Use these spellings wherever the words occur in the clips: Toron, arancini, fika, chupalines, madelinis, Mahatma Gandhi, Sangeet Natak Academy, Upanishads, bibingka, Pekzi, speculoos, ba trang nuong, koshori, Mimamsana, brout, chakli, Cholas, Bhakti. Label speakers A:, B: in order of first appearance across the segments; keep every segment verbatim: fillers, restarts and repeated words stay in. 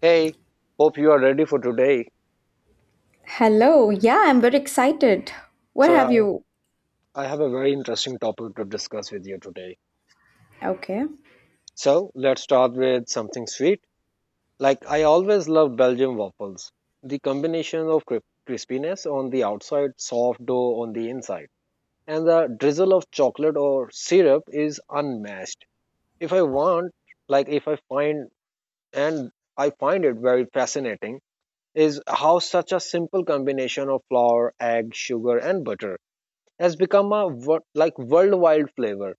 A: Hey, hope you are ready for today.
B: Hello. Yeah, I'm very excited. What
A: So,
B: have you?
A: I I have a very interesting topic to discuss with you today.
B: Okay.
A: So, let's start with something sweet. Like, I always loved Belgian waffles. The combination of cri- crispiness on the outside, soft dough on the inside, and the drizzle of chocolate or syrup is unmatched. If I want, like, if I find, and I find it very fascinating, is how such a simple combination of flour, egg, sugar, and butter has become a wor- like worldwide flavor.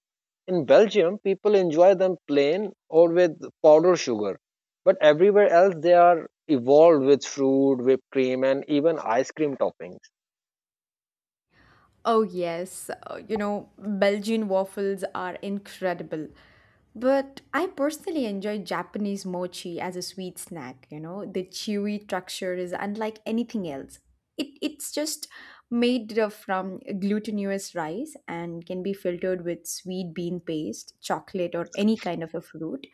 A: In Belgium, people enjoy them plain or with powdered sugar, but everywhere else they are evolved with fruit, whipped cream, and even ice cream toppings.
B: Oh, yes, uh, you know, Belgian waffles are incredible. But I personally enjoy Japanese mochi as a sweet snack, you know. The chewy texture is unlike anything else. It, it's just made of- from glutinous rice and can be filtered with sweet bean paste, chocolate, or any kind of a fruit.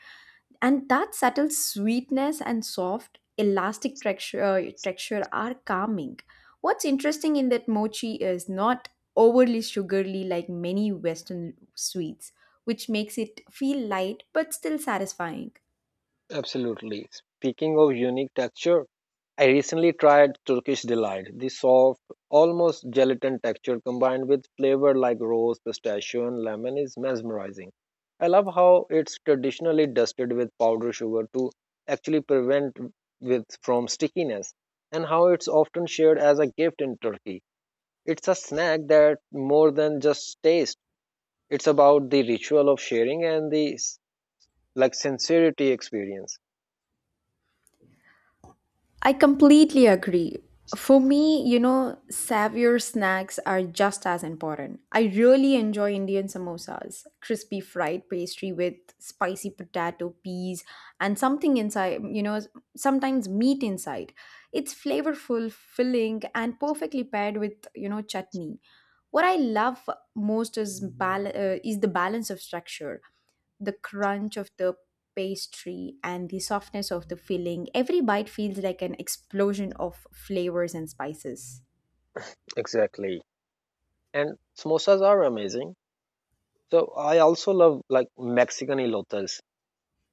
B: And that subtle sweetness and soft elastic texture uh, texture are calming. What's interesting in that mochi is not overly sugary like many western sweets, which makes it feel light but still satisfying.
A: Absolutely. Speaking of unique texture, I recently tried Turkish Delight. The soft, almost gelatin texture combined with flavor like rose, pistachio, and lemon is mesmerizing. I love how it's traditionally dusted with powdered sugar to actually prevent with from stickiness and how it's often shared as a gift in Turkey. It's a snack that more than just taste. It's about the ritual of sharing and the s- like sincerity experience.
B: I completely agree. For me, you know, savour snacks are just as important. I really enjoy Indian samosas, crispy fried pastry with spicy potato, peas, and something inside, you know, sometimes meat inside. It's flavorful, filling, and perfectly paired with, you know, chutney. What I love most is bal- uh, is the balance of structure, the crunch of the pastry and the softness of the filling. Every bite feels like an explosion of flavors and spices.
A: Exactly. And samosas are amazing. So I also love like Mexican elotes.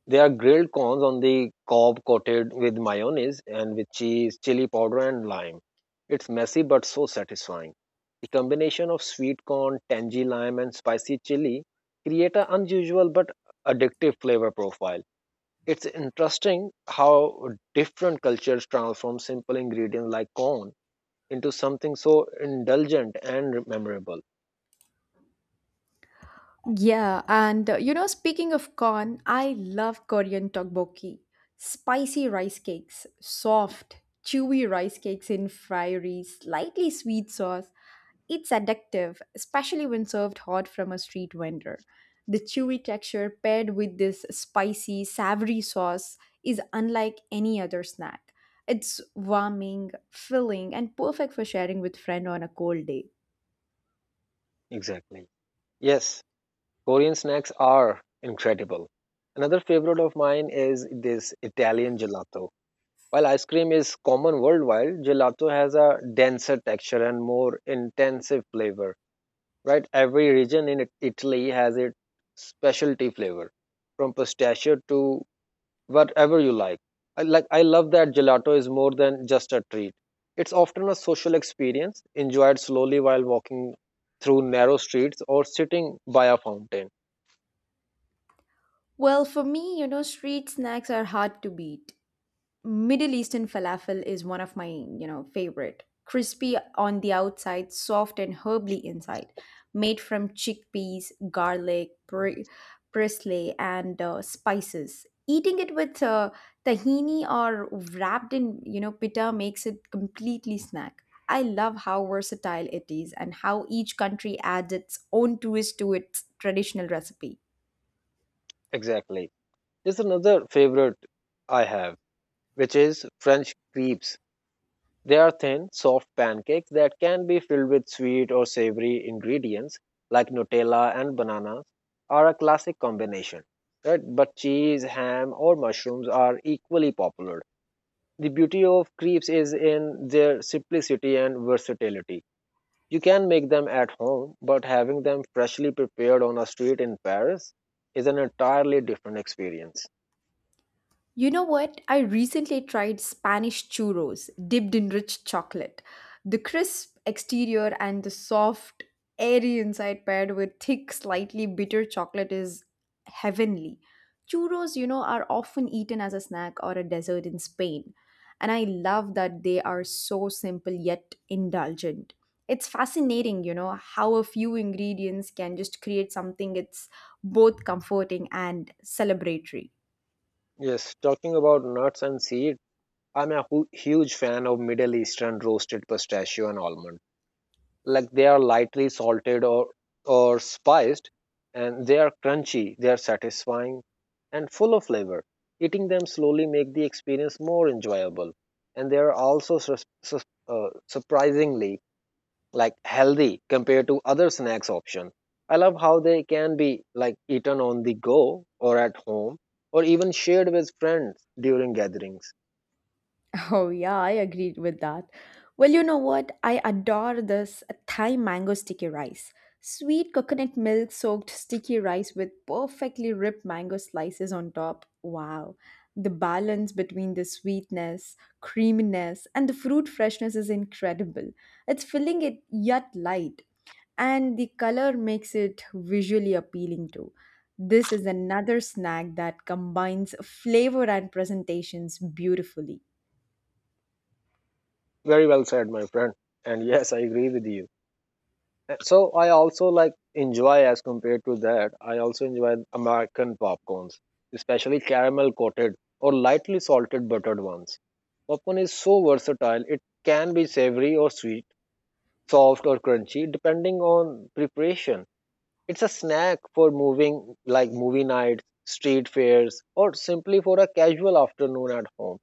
A: They are grilled corns on the cob coated with mayonnaise and with cheese, chili powder, and lime. It's messy but so satisfying. The combination of sweet corn, tangy lime, and spicy chili create an unusual but addictive flavor profile. It's interesting how different cultures transform simple ingredients like corn into something so indulgent and memorable.
B: Yeah, and uh, you know, speaking of corn, I love Korean tteokbokki. Spicy rice cakes, soft, chewy rice cakes in fiery, slightly sweet sauce. It's addictive, especially when served hot from a street vendor. The chewy texture paired with this spicy, savory sauce is unlike any other snack. It's warming, filling, and perfect for sharing with friend on a cold day.
A: Exactly. Yes. Korean snacks are incredible. Another favorite of mine is this Italian gelato. While ice cream is common worldwide, gelato has a denser texture and more intensive flavor. Right? Every region in It- Italy has its specialty flavor, from pistachio to whatever you like. I like I love that gelato is more than just a treat. It's often a social experience, enjoyed slowly while walking through narrow streets or sitting by a fountain.
B: Well, for me, you know, street snacks are hard to beat. Middle Eastern falafel is one of my, you know, favorite. Crispy on the outside, soft and herbly inside. Made from chickpeas, garlic, bri- parsley, and uh, spices. Eating it with uh, tahini or wrapped in, you know, pita makes it completely snack. I love how versatile it is and how each country adds its own twist to its traditional recipe.
A: Exactly. is another favorite I have, which is French crepes. They are thin, soft pancakes that can be filled with sweet or savory ingredients like Nutella and bananas are a classic combination. Right? But cheese, ham, or mushrooms are equally popular. The beauty of crepes is in their simplicity and versatility. You can make them at home, but having them freshly prepared on a street in Paris is an entirely different experience.
B: You know what? I recently tried Spanish churros dipped in rich chocolate. The crisp exterior and the soft, airy inside paired with thick, slightly bitter chocolate is heavenly. Churros, you know, are often eaten as a snack or a dessert in Spain. And I love that they are so simple yet indulgent. It's fascinating, you know, how a few ingredients can just create something it's both comforting and celebratory.
A: Yes, talking about nuts and seed, I'm a hu- huge fan of Middle Eastern roasted pistachio and almond. Like they are lightly salted or or spiced, and they are crunchy, they are satisfying, and full of flavor. Eating them slowly make the experience more enjoyable, and they are also sus- sus- uh, surprisingly like healthy compared to other snacks option. I love how they can be like eaten on the go or at home or even shared with friends during gatherings.
B: Oh, yeah, I agreed with that. Well, you know what? I adore this Thai mango sticky rice. Sweet coconut milk soaked sticky rice with perfectly ripped mango slices on top. Wow. The balance between the sweetness, creaminess, and the fruit freshness is incredible. It's filling it yet light, and the color makes it visually appealing too. This is another snack that combines flavor and presentations beautifully.
A: Very well said, my friend. And yes, I agree with you. Uh, So I also like enjoy as compared to that. I also enjoy American popcorns, especially caramel coated or lightly salted buttered ones. Popcorn is so versatile. It can be savory or sweet, soft or crunchy depending on preparation. It's a snack for moving like movie nights, street fairs, or simply for a casual afternoon at home.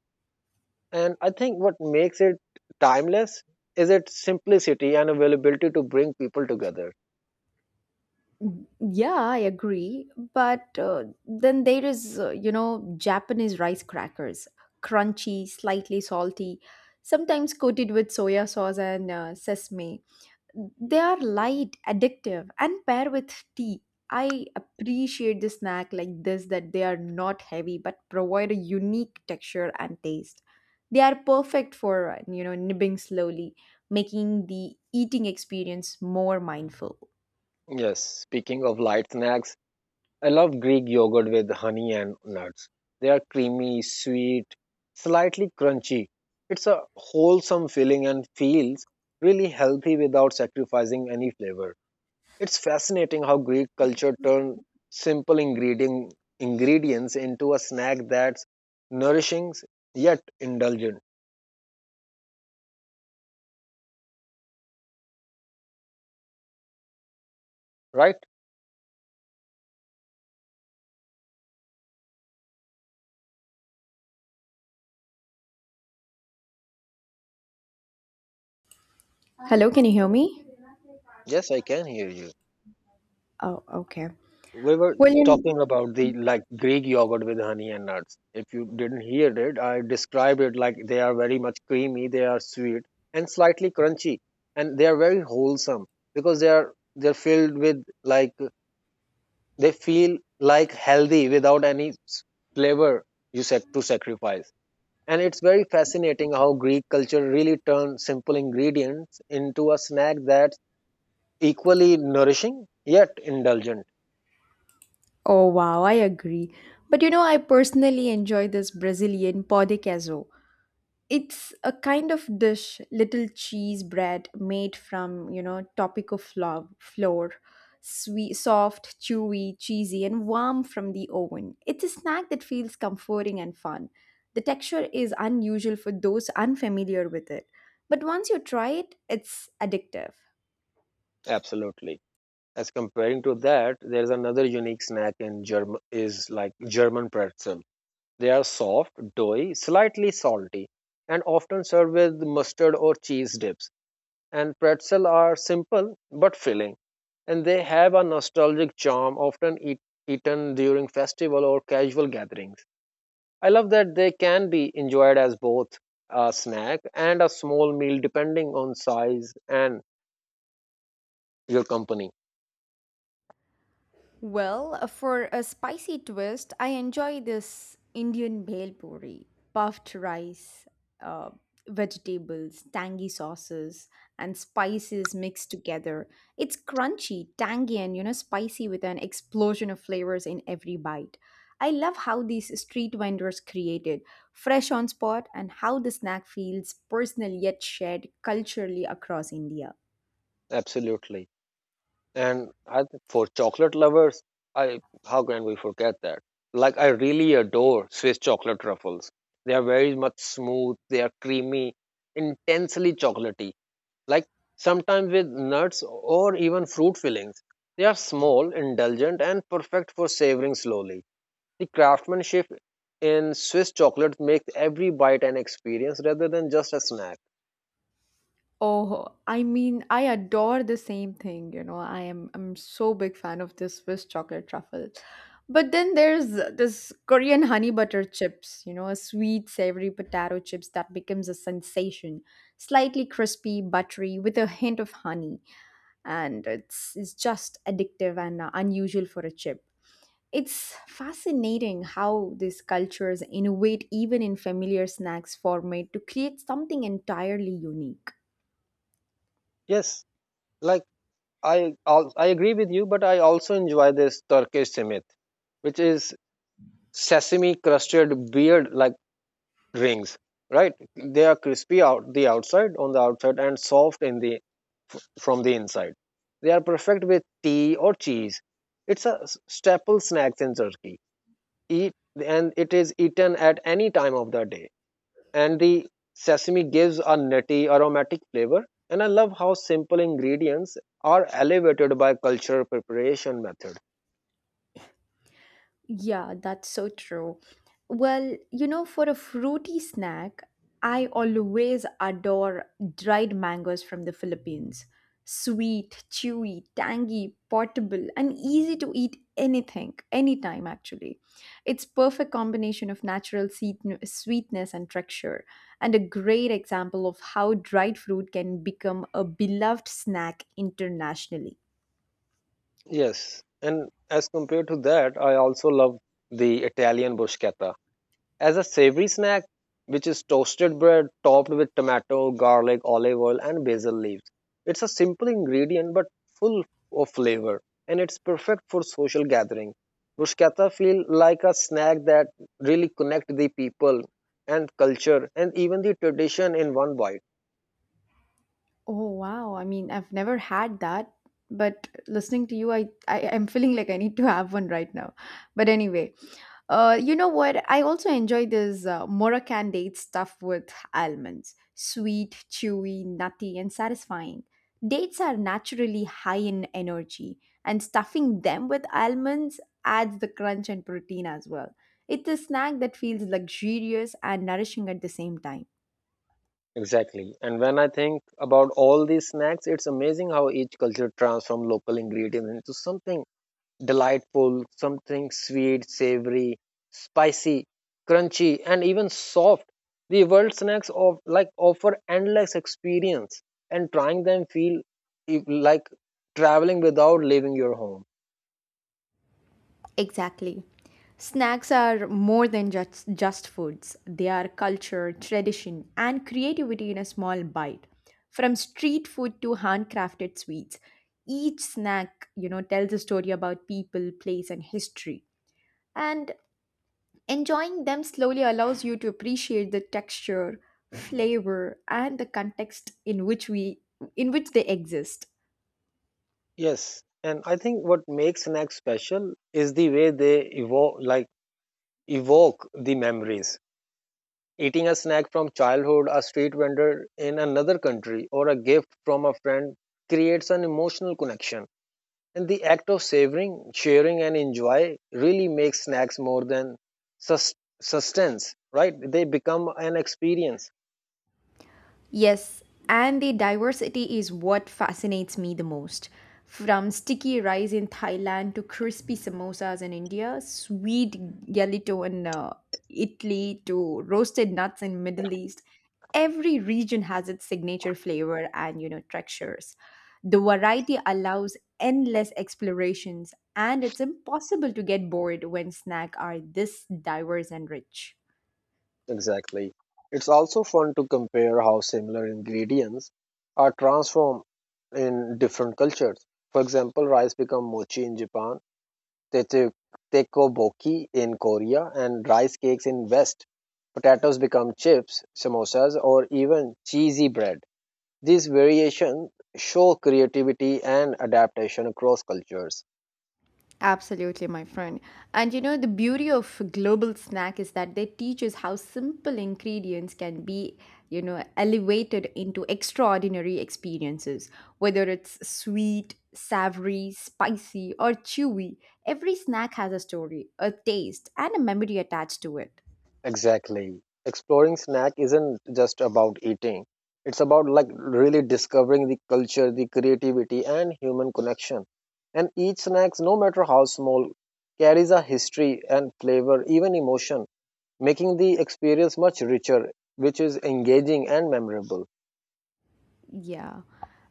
A: And I think what makes it timeless is its simplicity and availability to bring people together.
B: Yeah, I agree. But uh, then there is, uh, you know, Japanese rice crackers, crunchy, slightly salty, sometimes coated with soya sauce and uh, sesame. They are light, addictive, and pair with tea. I appreciate the snack like this that they are not heavy but provide a unique texture and taste. They are perfect for, uh, you know, nibbing slowly, making the eating experience more mindful.
A: Yes, speaking of light snacks, I love Greek yogurt with honey and nuts. They are creamy, sweet, slightly crunchy. It's a wholesome feeling and feels really healthy without sacrificing any flavor. It's fascinating how Greek culture turned simple ingredient, ingredients into a snack that's nourishing yet indulgent, right?
B: Hello, can you hear me?
A: Yes, I can hear you.
B: Oh, okay.
A: We were
B: Well, in
A: talking about the like Greek yogurt with honey and nuts. If you didn't hear it, I described it like they are very much creamy, they are sweet and slightly crunchy, and they are very wholesome because they are they're filled with like they feel like healthy without any s- flavor you said to sacrifice. And it's very fascinating how Greek culture really turned simple ingredients into a snack that's equally nourishing yet indulgent.
B: oh wow, I agree. But you know, I personally enjoy this Brazilian pão de queijo. It's a kind of dish, little cheese bread made from you know topico flour, flour, sweet, soft, chewy, cheesy, and warm from the oven. It's a snack that feels comforting and fun. The texture is unusual for those unfamiliar with it. But once you try it, it's addictive.
A: Absolutely. As comparing to that, there's another unique snack in German is like German pretzel. They are soft, doughy, slightly salty, and often served with mustard or cheese dips. And pretzel are simple but filling, and they have a nostalgic charm, often eat, eaten during festival or casual gatherings. I love that they can be enjoyed as both a snack and a small meal depending on size and your company.
B: Well, uh, for a spicy twist, I enjoy this Indian bhel puri, puffed rice, uh, vegetables, tangy sauces, and spices mixed together. It's crunchy, tangy, and you know, spicy with an explosion of flavors in every bite. I love how these street vendors created fresh on spot and how the snack feels personal yet shared culturally across India.
A: Absolutely. And I, th- for chocolate lovers, I how can we forget that? Like I really adore Swiss chocolate truffles. They are very much smooth, they are creamy, intensely chocolatey. Like sometimes with nuts or even fruit fillings. They are small, indulgent and perfect for savoring slowly. The craftsmanship in Swiss chocolates makes every bite an experience rather than just a snack.
B: Oh, I mean, I adore the same thing, you know. I am I'm so big fan of this Swiss chocolate truffle. But then there's this Korean honey butter chips, you know, a sweet savory potato chips that becomes a sensation, slightly crispy, buttery with a hint of honey, and it's it's just addictive and uh, unusual for a chip. It's fascinating how these cultures innovate even in familiar snacks format to create something entirely unique.
A: Yes, like I al- I agree with you, but I also enjoy this Turkish simit, which is sesame crusted beard like rings. Right, they are crispy out the outside on the outside and soft in the from the inside. They are perfect with tea or cheese. It's a s- staple snack in Turkey. Eat and it is eaten at any time of the day, and the sesame gives a nutty aromatic flavor. And I love how simple ingredients are elevated by cultural preparation method.
B: Yeah, that's so true. Well, you know, for a fruity snack, I always adore dried mangoes from the Philippines. Sweet, chewy, tangy, portable, and easy to eat anything, anytime actually. It's perfect combination of natural seet- sweetness and texture, and a great example of how dried fruit can become a beloved snack internationally.
A: Yes, and as compared to that I also love the Italian bruschetta as a savory snack, which is toasted bread topped with tomato, garlic, olive oil, and basil leaves. It's a simple ingredient but full of flavor, and it's perfect for social gathering. Bruschetta feel like a snack that really connect the people and culture and even the tradition in one bite.
B: Oh wow. I mean, I've never had that, but listening to you, I, I I'm feeling like I need to have one right now. But anyway, uh, you know what? I also enjoy this uh, Moroccan date stuff with almonds. Sweet, chewy, nutty, and satisfying. Dates are naturally high in energy, and stuffing them with almonds adds the crunch and protein as well. It's a snack that feels luxurious and nourishing at the same time.
A: Exactly. And when I think about all these snacks, it's amazing how each culture transforms local ingredients into something delightful, something sweet, savory, spicy, crunchy, and even soft. The world snacks of like offer endless experience, and trying them feel e- like traveling without leaving your home.
B: Exactly. Snacks are more than just, just foods, they are culture, tradition, and creativity in a small bite. From street food to handcrafted sweets, each snack, you know, tells a story about people, place, and history. And enjoying them slowly allows you to appreciate the texture, flavor, and the context in which we in which they exist.
A: Yes, and I think what makes snacks special is the way they evoke, like evoke the memories. Eating a snack from childhood, a street vendor in another country, or a gift from a friend creates an emotional connection. And the act of savoring, sharing, and enjoy really makes snacks more than sus- sustenance, right? They become an experience.
B: Yes, and the diversity is what fascinates me the most. From sticky rice in Thailand to crispy samosas in India, sweet gelato in uh, Italy to roasted nuts in Middle East, every region has its signature flavor and you know textures. The variety allows endless explorations and it's impossible to get bored when snacks are this diverse and rich.
A: Exactly. It's also fun to compare how similar ingredients are transformed in different cultures. For example, rice become mochi in Japan, tete- tekoboki in Korea, and rice cakes in West. Potatoes become chips, samosas, or even cheesy bread. These variations show creativity and adaptation across cultures.
B: Absolutely, my friend. And you know, the beauty of global snack is that they teach us how simple ingredients can be, you know, elevated into extraordinary experiences. Whether it's sweet, savory, spicy, or chewy, every snack has a story, a taste, and a memory attached to it.
A: Exactly. Exploring snack isn't just about eating. It's about like really discovering the culture, the creativity and human connection. And each snacks, no matter how small, carries a history and flavor, even emotion, making the experience much richer, which is engaging and memorable.
B: Yeah.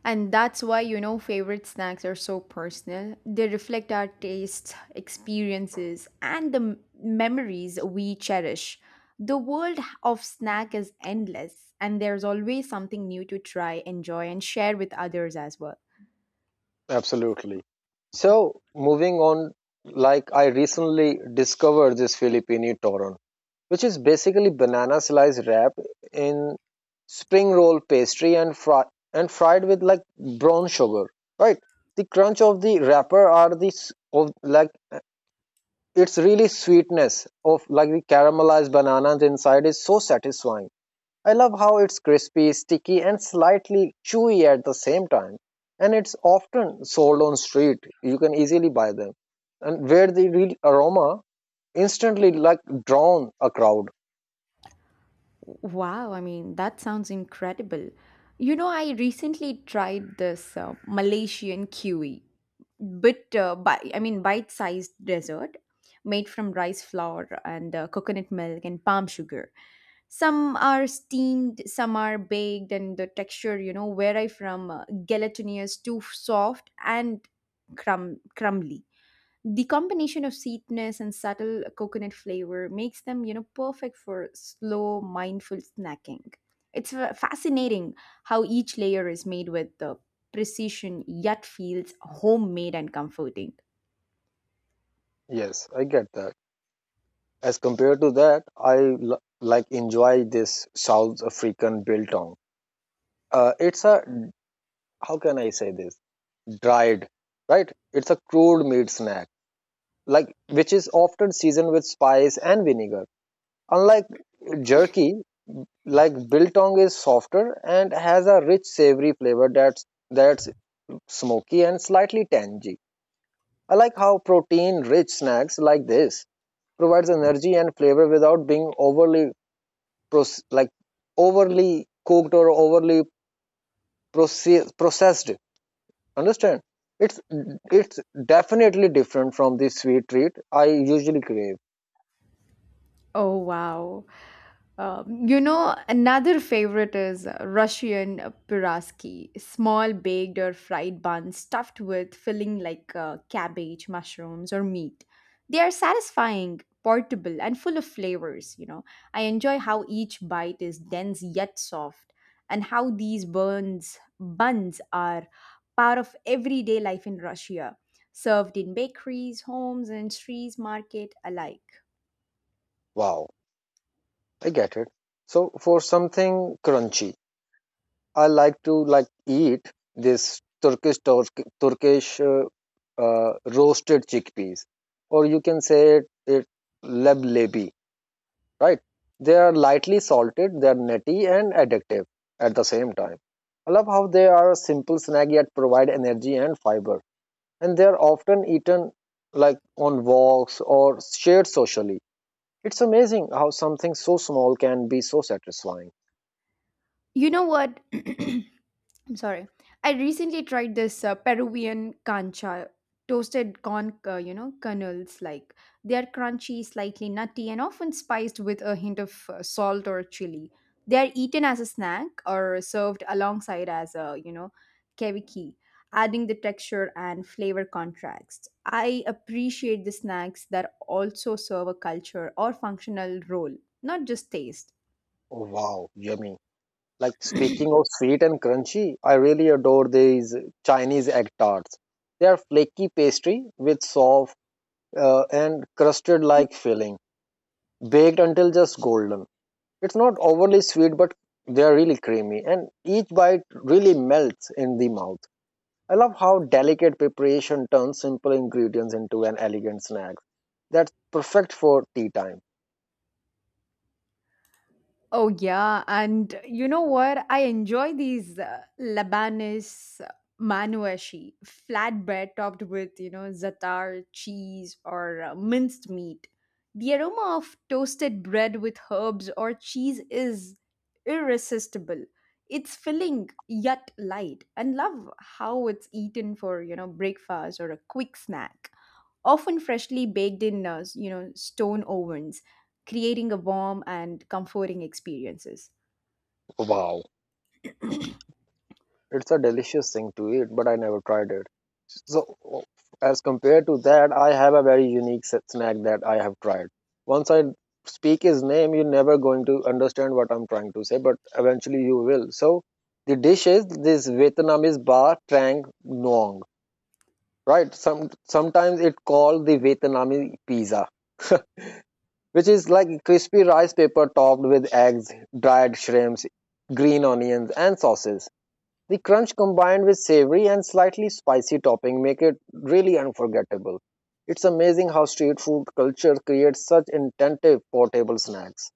B: And that's why, you know, favorite snacks are so personal. They reflect our tastes, experiences, and the m- memories we cherish. The world of snack is endless, and there's always something new to try, enjoy, and share with others as well.
A: Absolutely. So, moving on, like I recently discovered this Filipino toron, which is basically banana slice wrap in spring roll pastry and fry and fried with like brown sugar, right? The crunch of the wrapper are the s- of like uh, it's really sweetness of like the caramelized bananas inside is so satisfying. I love how it's crispy, sticky, and slightly chewy at the same time. And it's often sold on street. You can easily buy them. And where the real aroma instantly like drawn a crowd.
B: Wow, I mean, that sounds incredible. You know, I recently tried this uh, Malaysian kiwi. bit uh, bi- i mean bite-sized dessert made from rice flour and uh, coconut milk and palm sugar. Some are steamed, some are baked, and the texture you know vary from uh, gelatinous to soft and crumb- crumbly. The combination of sweetness and subtle coconut flavor makes them, you know, perfect for slow, mindful snacking. It's fa- fascinating how each layer is made with the precision yet feels homemade and comforting.
A: Yes, I get that. As compared to that, I l- like enjoy this South African biltong. Uh, it's a how can I say this? Dried, right? It's a crude meat snack, like which is often seasoned with spice and vinegar. Unlike jerky, like biltong is softer and has a rich savory flavor that's that's smoky and slightly tangy. I like how protein rich snacks like this provides energy and flavor without being overly proce- like overly cooked or overly proce- processed, understand? It's it's definitely different from the sweet treat I usually crave.
B: Oh wow. Um, you know, another favorite is Russian piroski, small baked or fried buns stuffed with filling like uh, cabbage, mushrooms, or meat. They are satisfying, portable, and full of flavors. You know, I enjoy how each bite is dense yet soft, and how these buns buns are part of everyday life in Russia, served in bakeries, homes, and streets market alike.
A: Wow, I get it. So for something crunchy I like to like eat this Turkish tork- Turkish uh, uh, roasted chickpeas, or you can say it, it leblebi, right? They are lightly salted, they are nutty and addictive at the same time. I love how they are a simple snack yet provide energy and fiber, and they are often eaten like on walks or shared socially. It's amazing how something so small can be so satisfying.
B: You know what? I'm sorry. I recently tried this uh, Peruvian cancha, toasted corn, uh, you know, kernels. Like they are crunchy, slightly nutty, and often spiced with a hint of uh, salt or chili. They are eaten as a snack or served alongside as a, you know, keviki, adding the texture and flavor contrast. I appreciate the snacks that also serve a culture or functional role, not just taste.
A: Oh wow, yummy. Like speaking of sweet and crunchy, I really adore these Chinese egg tarts. They are flaky pastry with soft uh, and crusted like filling, baked until just golden. It's not overly sweet, but they are really creamy, and each bite really melts in the mouth. I love how delicate preparation turns simple ingredients into an elegant snack that's perfect for tea time.
B: Oh, yeah. And you know what? I enjoy these uh, Lebanese manuashi, flatbread topped with, you know, za'atar, cheese, or uh, minced meat. The aroma of toasted bread with herbs or cheese is irresistible. It's filling yet light, and love how it's eaten for, you know, breakfast or a quick snack often freshly baked in uh, s- you know stone ovens, creating a warm and comforting experiences.
A: Wow, it's a delicious thing to eat, but I never tried it. So, as compared to that, I have a very unique s- snack that I have tried. Once I speak his name, you're never going to understand what I'm trying to say, but eventually you will. So, the dish is this Vietnamese ba trang nuong, right? Some sometimes it called the Vietnamese pizza, which is like crispy rice paper topped with eggs, dried shrimps, green onions, and sauces. The crunch combined with savory and slightly spicy topping make it really unforgettable. It's amazing how street food culture creates such intentive portable snacks.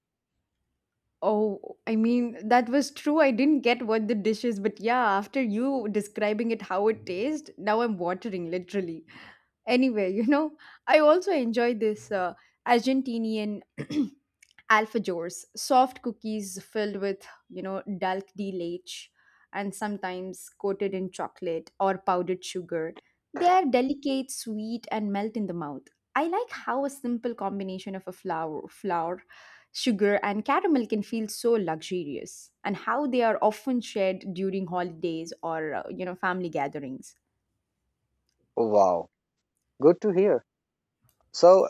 B: Oh, I mean, that was true. I didn't get what the dish is, but yeah, after you describing it how it tastes, now I'm watering literally anywhere, you know. I also enjoy this uh, argentinian alfajors, soft cookies filled with you know dulce de leche, and sometimes coated in chocolate or powdered sugar. They are delicate, sweet, and melt in the mouth. I like how a simple combination of a flour flour sugar and caramel can feel so luxurious, and how they are often shared during holidays or uh, you know family gatherings.
A: Wow, good to hear. So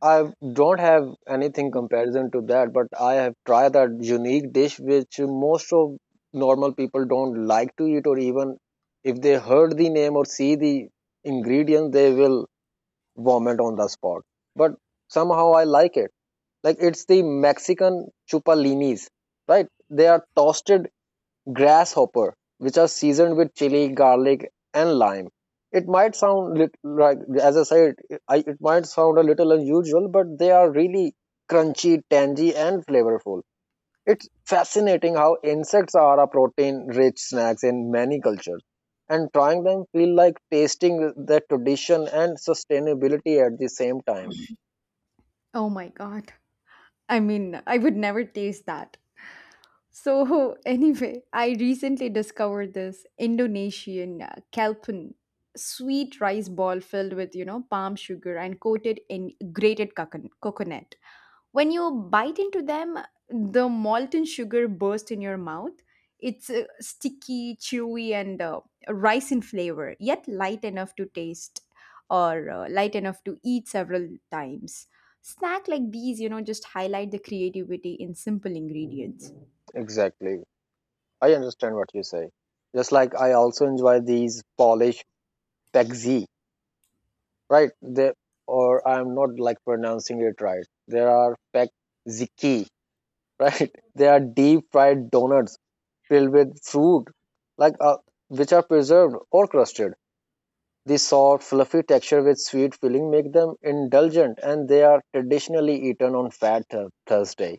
A: I don't have anything comparison to that, but I have tried that unique dish which most of normal people don't like to eat, or even if they heard the name or see the ingredient, they will vomit on the spot. But somehow I like it. Like it's the Mexican chupalines, right? They are toasted grasshopper which are seasoned with chili, garlic, and lime. It might sound lit- like, as I said, I, it might sound a little unusual, but they are really crunchy, tangy, and flavorful. It's fascinating how insects are a protein-rich snacks in many cultures, and trying them feel like tasting the tradition and sustainability at the same time.
B: Oh my god, I mean, I would never taste that. So, anyway, I recently discovered this Indonesian uh, kalpun, sweet rice ball filled with, you know, palm sugar and coated in grated cocon- coconut. When you bite into them, the molten sugar bursts in your mouth. It's uh, sticky, chewy, and uh, rice in flavor, yet light enough to taste, or uh, light enough to eat several times. Snack like these, you know, just highlight the creativity in simple ingredients.
A: Exactly. I understand what you say. Just like I also enjoy these Polish Pekzi, right? They, or I'm not like pronouncing it right. There are Pekziki, right? They are deep fried donuts filled with fruit, like uh, which are preserved or crusted. The soft, fluffy texture with sweet filling make them indulgent, and they are traditionally eaten on Fat Thur- Thursday.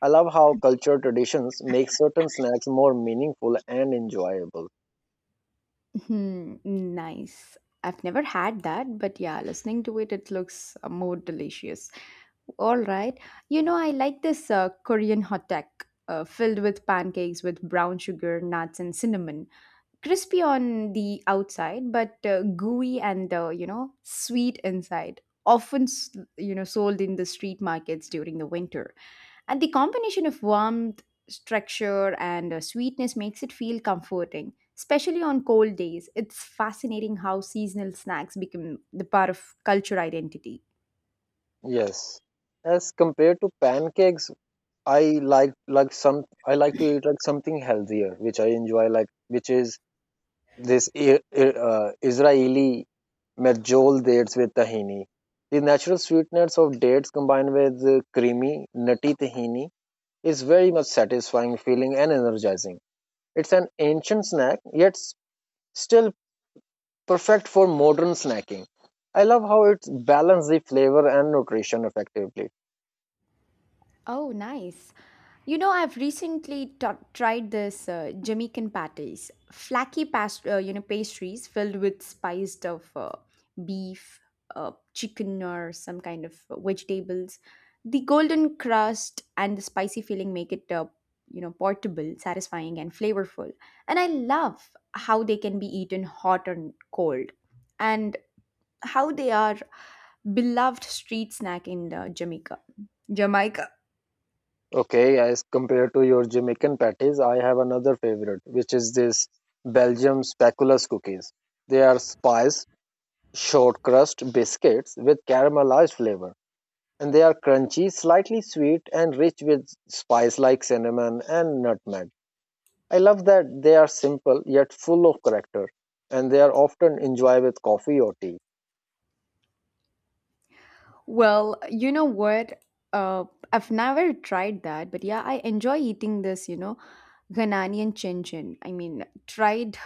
A: I love how cultural traditions make certain snacks more meaningful and enjoyable.
B: Hmm, nice. I've never had that, but yeah, listening to it, it looks uh, more delicious. All right. You know, I like this uh, Korean hot tech uh, filled with pancakes with brown sugar, nuts, and cinnamon, crispy on the outside but uh, gooey and uh, you know sweet inside, often s- you know sold in the street markets during the winter. And the combination of warmth, structure, and uh, sweetness makes it feel comforting, especially on cold days. It's fascinating how seasonal snacks become the part of culture identity.
A: Yes. As compared to pancakes, I like like some I like to eat like something healthier, which I enjoy like which is this I- I- uh, Israeli medjool dates with tahini. The natural sweetness of dates combined with the creamy, nutty tahini is very much satisfying feeling and energizing. It's an ancient snack, yet s- still perfect for modern snacking. I love how it balances the flavor and nutrition effectively.
B: Oh, nice. You know, I've recently t- tried this uh, Jamaican patties, flaky past- uh, you know, pastries filled with spiced of uh, beef, uh, chicken, or some kind of vegetables. The golden crust and the spicy filling make it, uh, you know, portable, satisfying, and flavorful. And I love how they can be eaten hot and cold, and how they are beloved street snack in uh, Jamaica. Jamaica.
A: Okay, as compared to your Jamaican patties, I have another favorite, which is this Belgium speculoos cookies. They are spiced short crust biscuits with caramelized flavor, and they are crunchy, slightly sweet, and rich with spice like cinnamon and nutmeg. I love that they are simple yet full of character, and they are often enjoyed with coffee or tea.
B: Well, you know what? Uh, I've never tried that, but yeah, I enjoy eating this, you know, Ghanaian chin chin. I mean, tried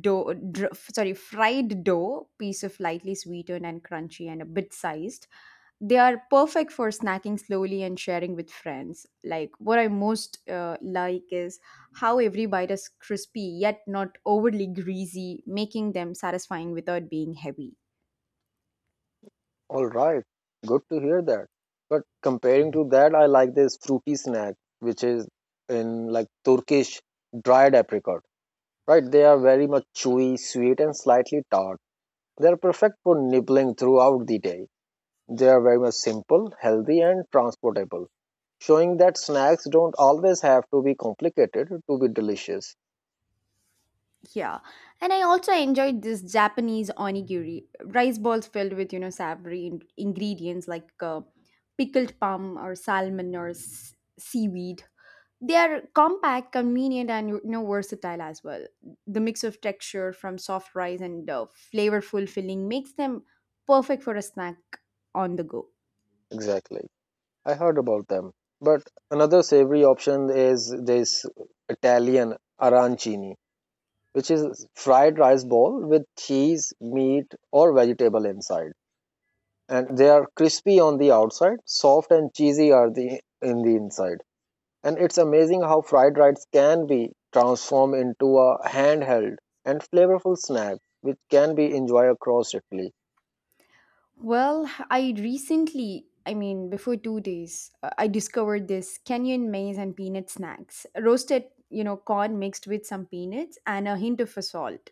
B: dough, dr- sorry, fried dough, piece of lightly sweetened and crunchy and a bit sized. They are perfect for snacking slowly and sharing with friends. Like, what I most uh, like is how every bite is crispy yet not overly greasy, making them satisfying without being heavy.
A: All right, good to hear that. But comparing to that, I like this fruity snack, which is in like Turkish dried apricot, right? They are very much chewy, sweet, and slightly tart. They are perfect for nibbling throughout the day. They are very much simple, healthy, and transportable, showing that snacks don't always have to be complicated to be delicious.
B: Yeah, and I also enjoyed this Japanese onigiri, rice balls filled with you know savory in- ingredients like uh, pickled plum or salmon or s- seaweed. They are compact, convenient, and you know versatile as well. The mix of texture from soft rice and uh, flavorful filling makes them perfect for a snack on the go.
A: Exactly. I heard about them. But another savory option is this Italian arancini which is fried rice ball with cheese, meat, or vegetable inside. And they are crispy on the outside, soft and cheesy are the in the inside. And it's amazing how fried rice can be transformed into a handheld and flavorful snack which can be enjoyed across Italy.
B: Well, I recently, I mean, before two days, uh, I discovered this Kenyan maize and peanut snacks. Roasted, you know, corn mixed with some peanuts and a hint of salt.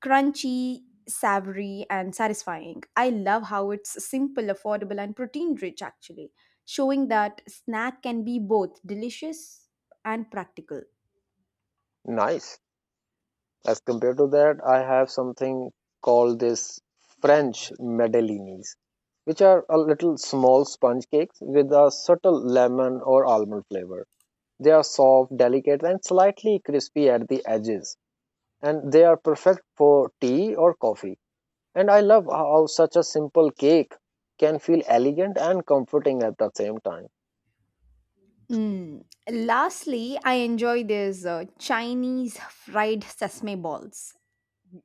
B: Crunchy, savory, and satisfying. I love how it's simple, affordable, and protein rich, actually, showing that snack can be both delicious and practical.
A: Nice. As compared to that, I have something called this French madelinis, which are a little small sponge cakes with a subtle lemon or almond flavor. They are soft, delicate, and slightly crispy at the edges, and they are perfect for tea or coffee. And I love how such a simple cake can feel elegant and comforting at the same time.
B: Mm. Lastly, I enjoy these uh, Chinese fried sesame balls.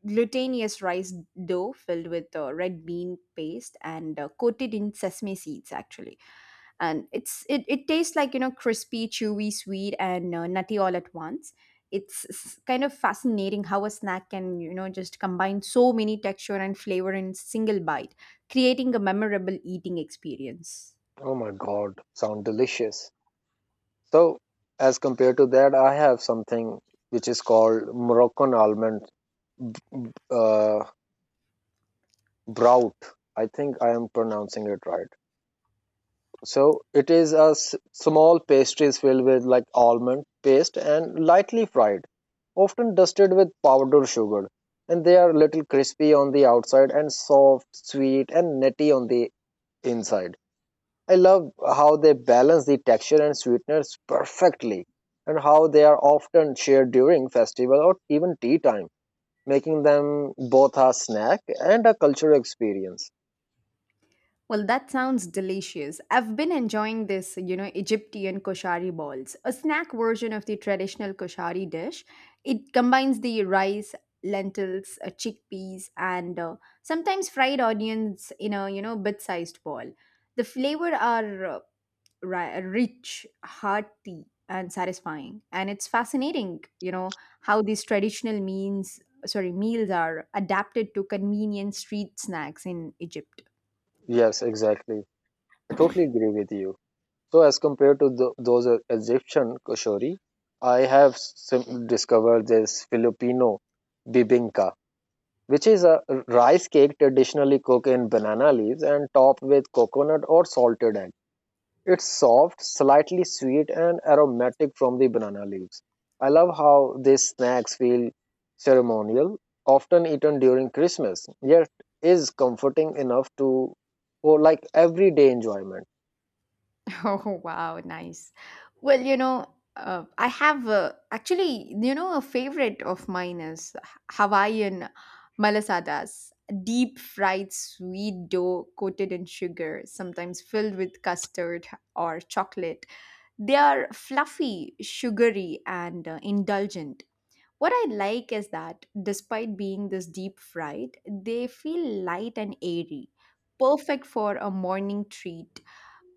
B: Glutinous rice dough filled with uh, red bean paste and uh, coated in sesame seeds, actually. And it's it, it tastes like you know crispy, chewy, sweet, and uh, nutty all at once. It's s- kind of fascinating how a snack can you know just combine so many texture and flavor in single bite, creating a memorable eating experience.
A: Oh my god, sound delicious. So, as compared to that, I have something which is called Moroccan almond uh, brout. I think I am pronouncing it right. So it is a s- small pastries filled with like almond paste and lightly fried, often dusted with powdered sugar. And they are little crispy on the outside and soft, sweet, and nutty on the inside. I love how they balance the texture and sweetness perfectly, and how they are often shared during festival or even tea time, making them both a snack and a cultural experience.
B: Well, that sounds delicious. I've been enjoying this, you know, Egyptian koshari balls, a snack version of the traditional koshari dish. It combines the rice, lentils, uh, chickpeas, and uh, sometimes fried onions in a, you know, bit-sized ball. The flavor are uh, ri- rich, hearty, and satisfying. And it's fascinating, you know, how these traditional means, sorry, meals are adapted to convenient street snacks in Egypt.
A: Yes, exactly. I totally agree with you. So as compared to tho- those uh, Egyptian koshori, I have sim- discovered this Filipino bibingka, which is a rice cake traditionally cooked in banana leaves and topped with coconut or salted egg. It's soft, slightly sweet, and aromatic from the banana leaves. I love how these snacks feel ceremonial, often eaten during Christmas, yet is comforting enough to for like everyday enjoyment.
B: Oh, wow, nice. Well, you know, uh, I have uh, actually, you know, a favorite of mine is Hawaiian malasadas, deep fried sweet dough coated in sugar, sometimes filled with custard or chocolate. They are fluffy, sugary, and uh, indulgent. What I like is that despite being this deep fried, they feel light and airy, perfect for a morning treat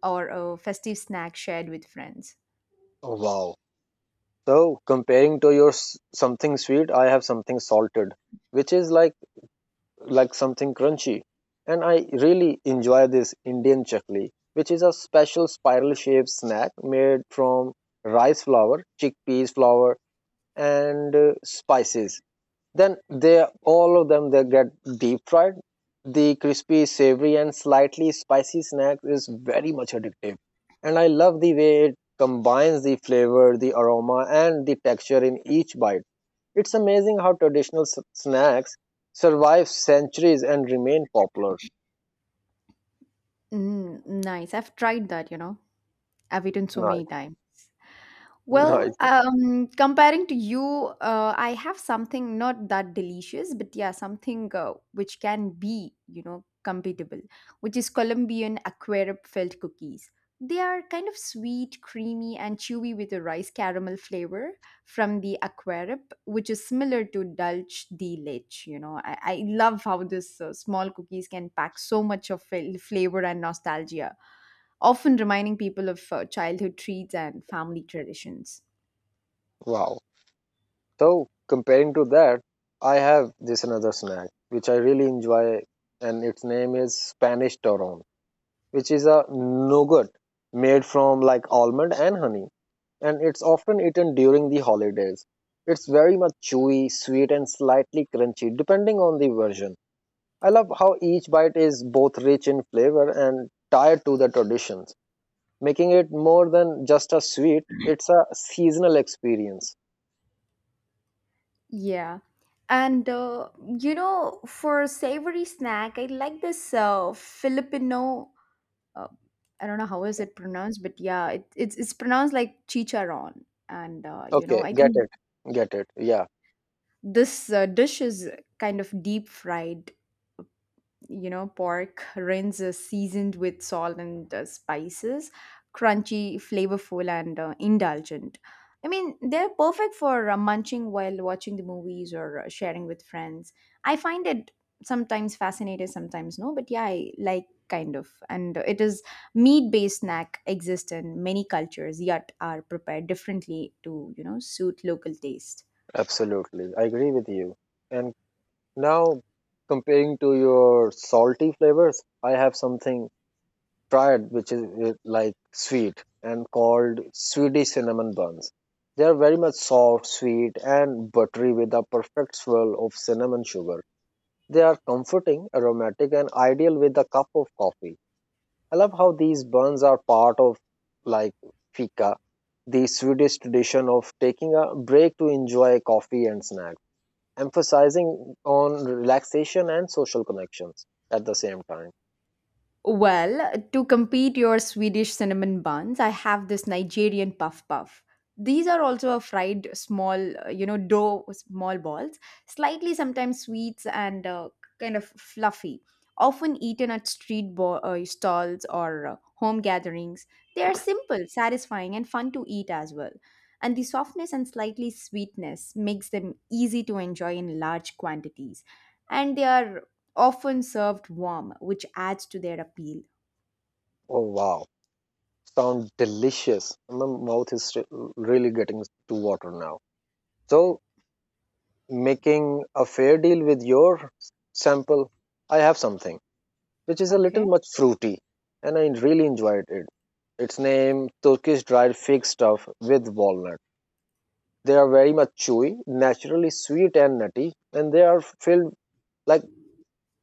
B: or a festive snack shared with friends.
A: Oh, wow. So comparing to your s- something sweet, I have something salted, which is like like something crunchy, and I really enjoy this Indian chakli, which is a special spiral shaped snack made from rice flour, chickpeas flour, and uh, spices. Then they all of them they get deep fried. The crispy, savory, and slightly spicy snack is very much addictive. And I love the way it combines the flavor, the aroma, and the texture in each bite. It's amazing how traditional s- snacks survive centuries and remain popular.
B: Mm, nice. I've tried that, you know. I've eaten so many
A: Nice,
B: times. Well,
A: nice,
B: um, comparing to you, uh, I have something not that delicious, but yeah, something uh, which can be, you know, compatible, which is Colombian aquarup filled cookies. They are kind of sweet, creamy, and chewy with a rice caramel flavor from the aquarup, which is similar to Dulce de Leche. You know, I, I love how this uh, small cookies can pack so much of fil- flavor and nostalgia, often reminding people of uh, childhood treats and family traditions.
A: wow. So, comparing to that, I have this another snack which I really enjoy, and its name is Spanish Toron, which is a nougat made from like almond and honey, and it's often eaten during the holidays. It's very much chewy, sweet, and slightly crunchy, depending on the version. I love how each bite is both rich in flavor and tied to the traditions, making it more than just a sweet, it's a seasonal experience.
B: Yeah. And uh, you know, for savory snack, I like this uh, Filipino. Uh, I don't know how is it pronounced, but yeah, it, it's it's pronounced like chicharron. And uh, you know,
A: Okay,
B: I
A: get
B: think
A: it. Get it. Yeah,
B: this uh, dish is kind of deep fried you know pork rinds is seasoned with salt and uh, spices, crunchy, flavorful, and uh, indulgent. I mean, they're perfect for uh, munching while watching the movies or uh, sharing with friends. I find it sometimes fascinating, sometimes no, but yeah, I like kind of, and it is meat based snack exist in many cultures yet are prepared differently to you know suit local taste.
A: absolutely. I agree with you. And now, comparing to your salty flavors, I have something triad, which is uh, like sweet and called Swedish cinnamon buns. They are very much soft, sweet, and buttery with a perfect swirl of cinnamon sugar. They are comforting, aromatic, and ideal with a cup of coffee. I love how these buns are part of like fika, the Swedish tradition of taking a break to enjoy coffee and snacks, emphasizing on relaxation and social connections at the same time.
B: Well, to compete your Swedish cinnamon buns, I have this Nigerian puff puff. These are also a fried small, uh, you know, dough small balls, slightly sometimes sweets and uh, kind of fluffy. Often eaten at street bo- uh, stalls or uh, home gatherings. They are simple, satisfying, and fun to eat as well. And the softness and slightly sweetness makes them easy to enjoy in large quantities. And they are often served warm, which adds to their appeal.
A: Oh wow. Sound delicious. My mouth is re- really getting to water now. So, making a fair deal with your sample, I have something which is a little
B: Okay.
A: much fruity, and I really enjoyed it. Its name Turkish dried fig stuff with walnut. They are very much chewy, naturally sweet and nutty, and they are filled like.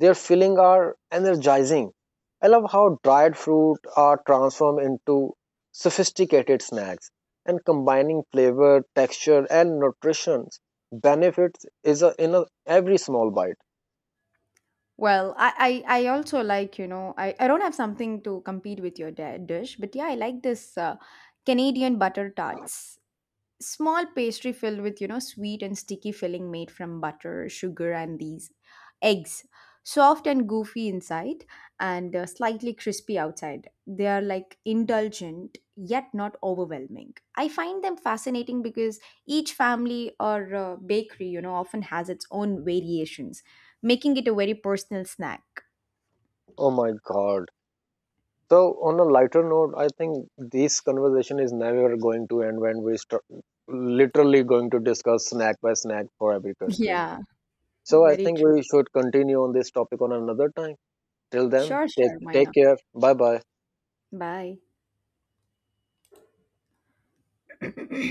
A: Their filling are energizing. I love how dried fruit are transformed into sophisticated snacks and combining flavor, texture, and nutrition benefits is a, in a, every small bite.
B: Well, I, I, I also like, you know, I, I don't have something to compete with your di- dish, but yeah, I like this uh, Canadian butter tarts. Small pastry filled with you know sweet and sticky filling made from butter sugar and these eggs, soft and goofy inside and uh, slightly crispy outside. They are like indulgent yet not overwhelming. I find them fascinating because each family or uh, bakery you know often has its own variations, making it a very personal snack.
A: Oh my god. So on a lighter note, I think this conversation is never going to end when we start literally going to discuss snack by snack for every country.
B: Yeah,
A: So I
B: very
A: think
B: true.
A: we should continue on this topic on another time. Till then,
B: Sure,
A: take
B: sure, why
A: take
B: not.
A: care. Bye bye.
B: Bye.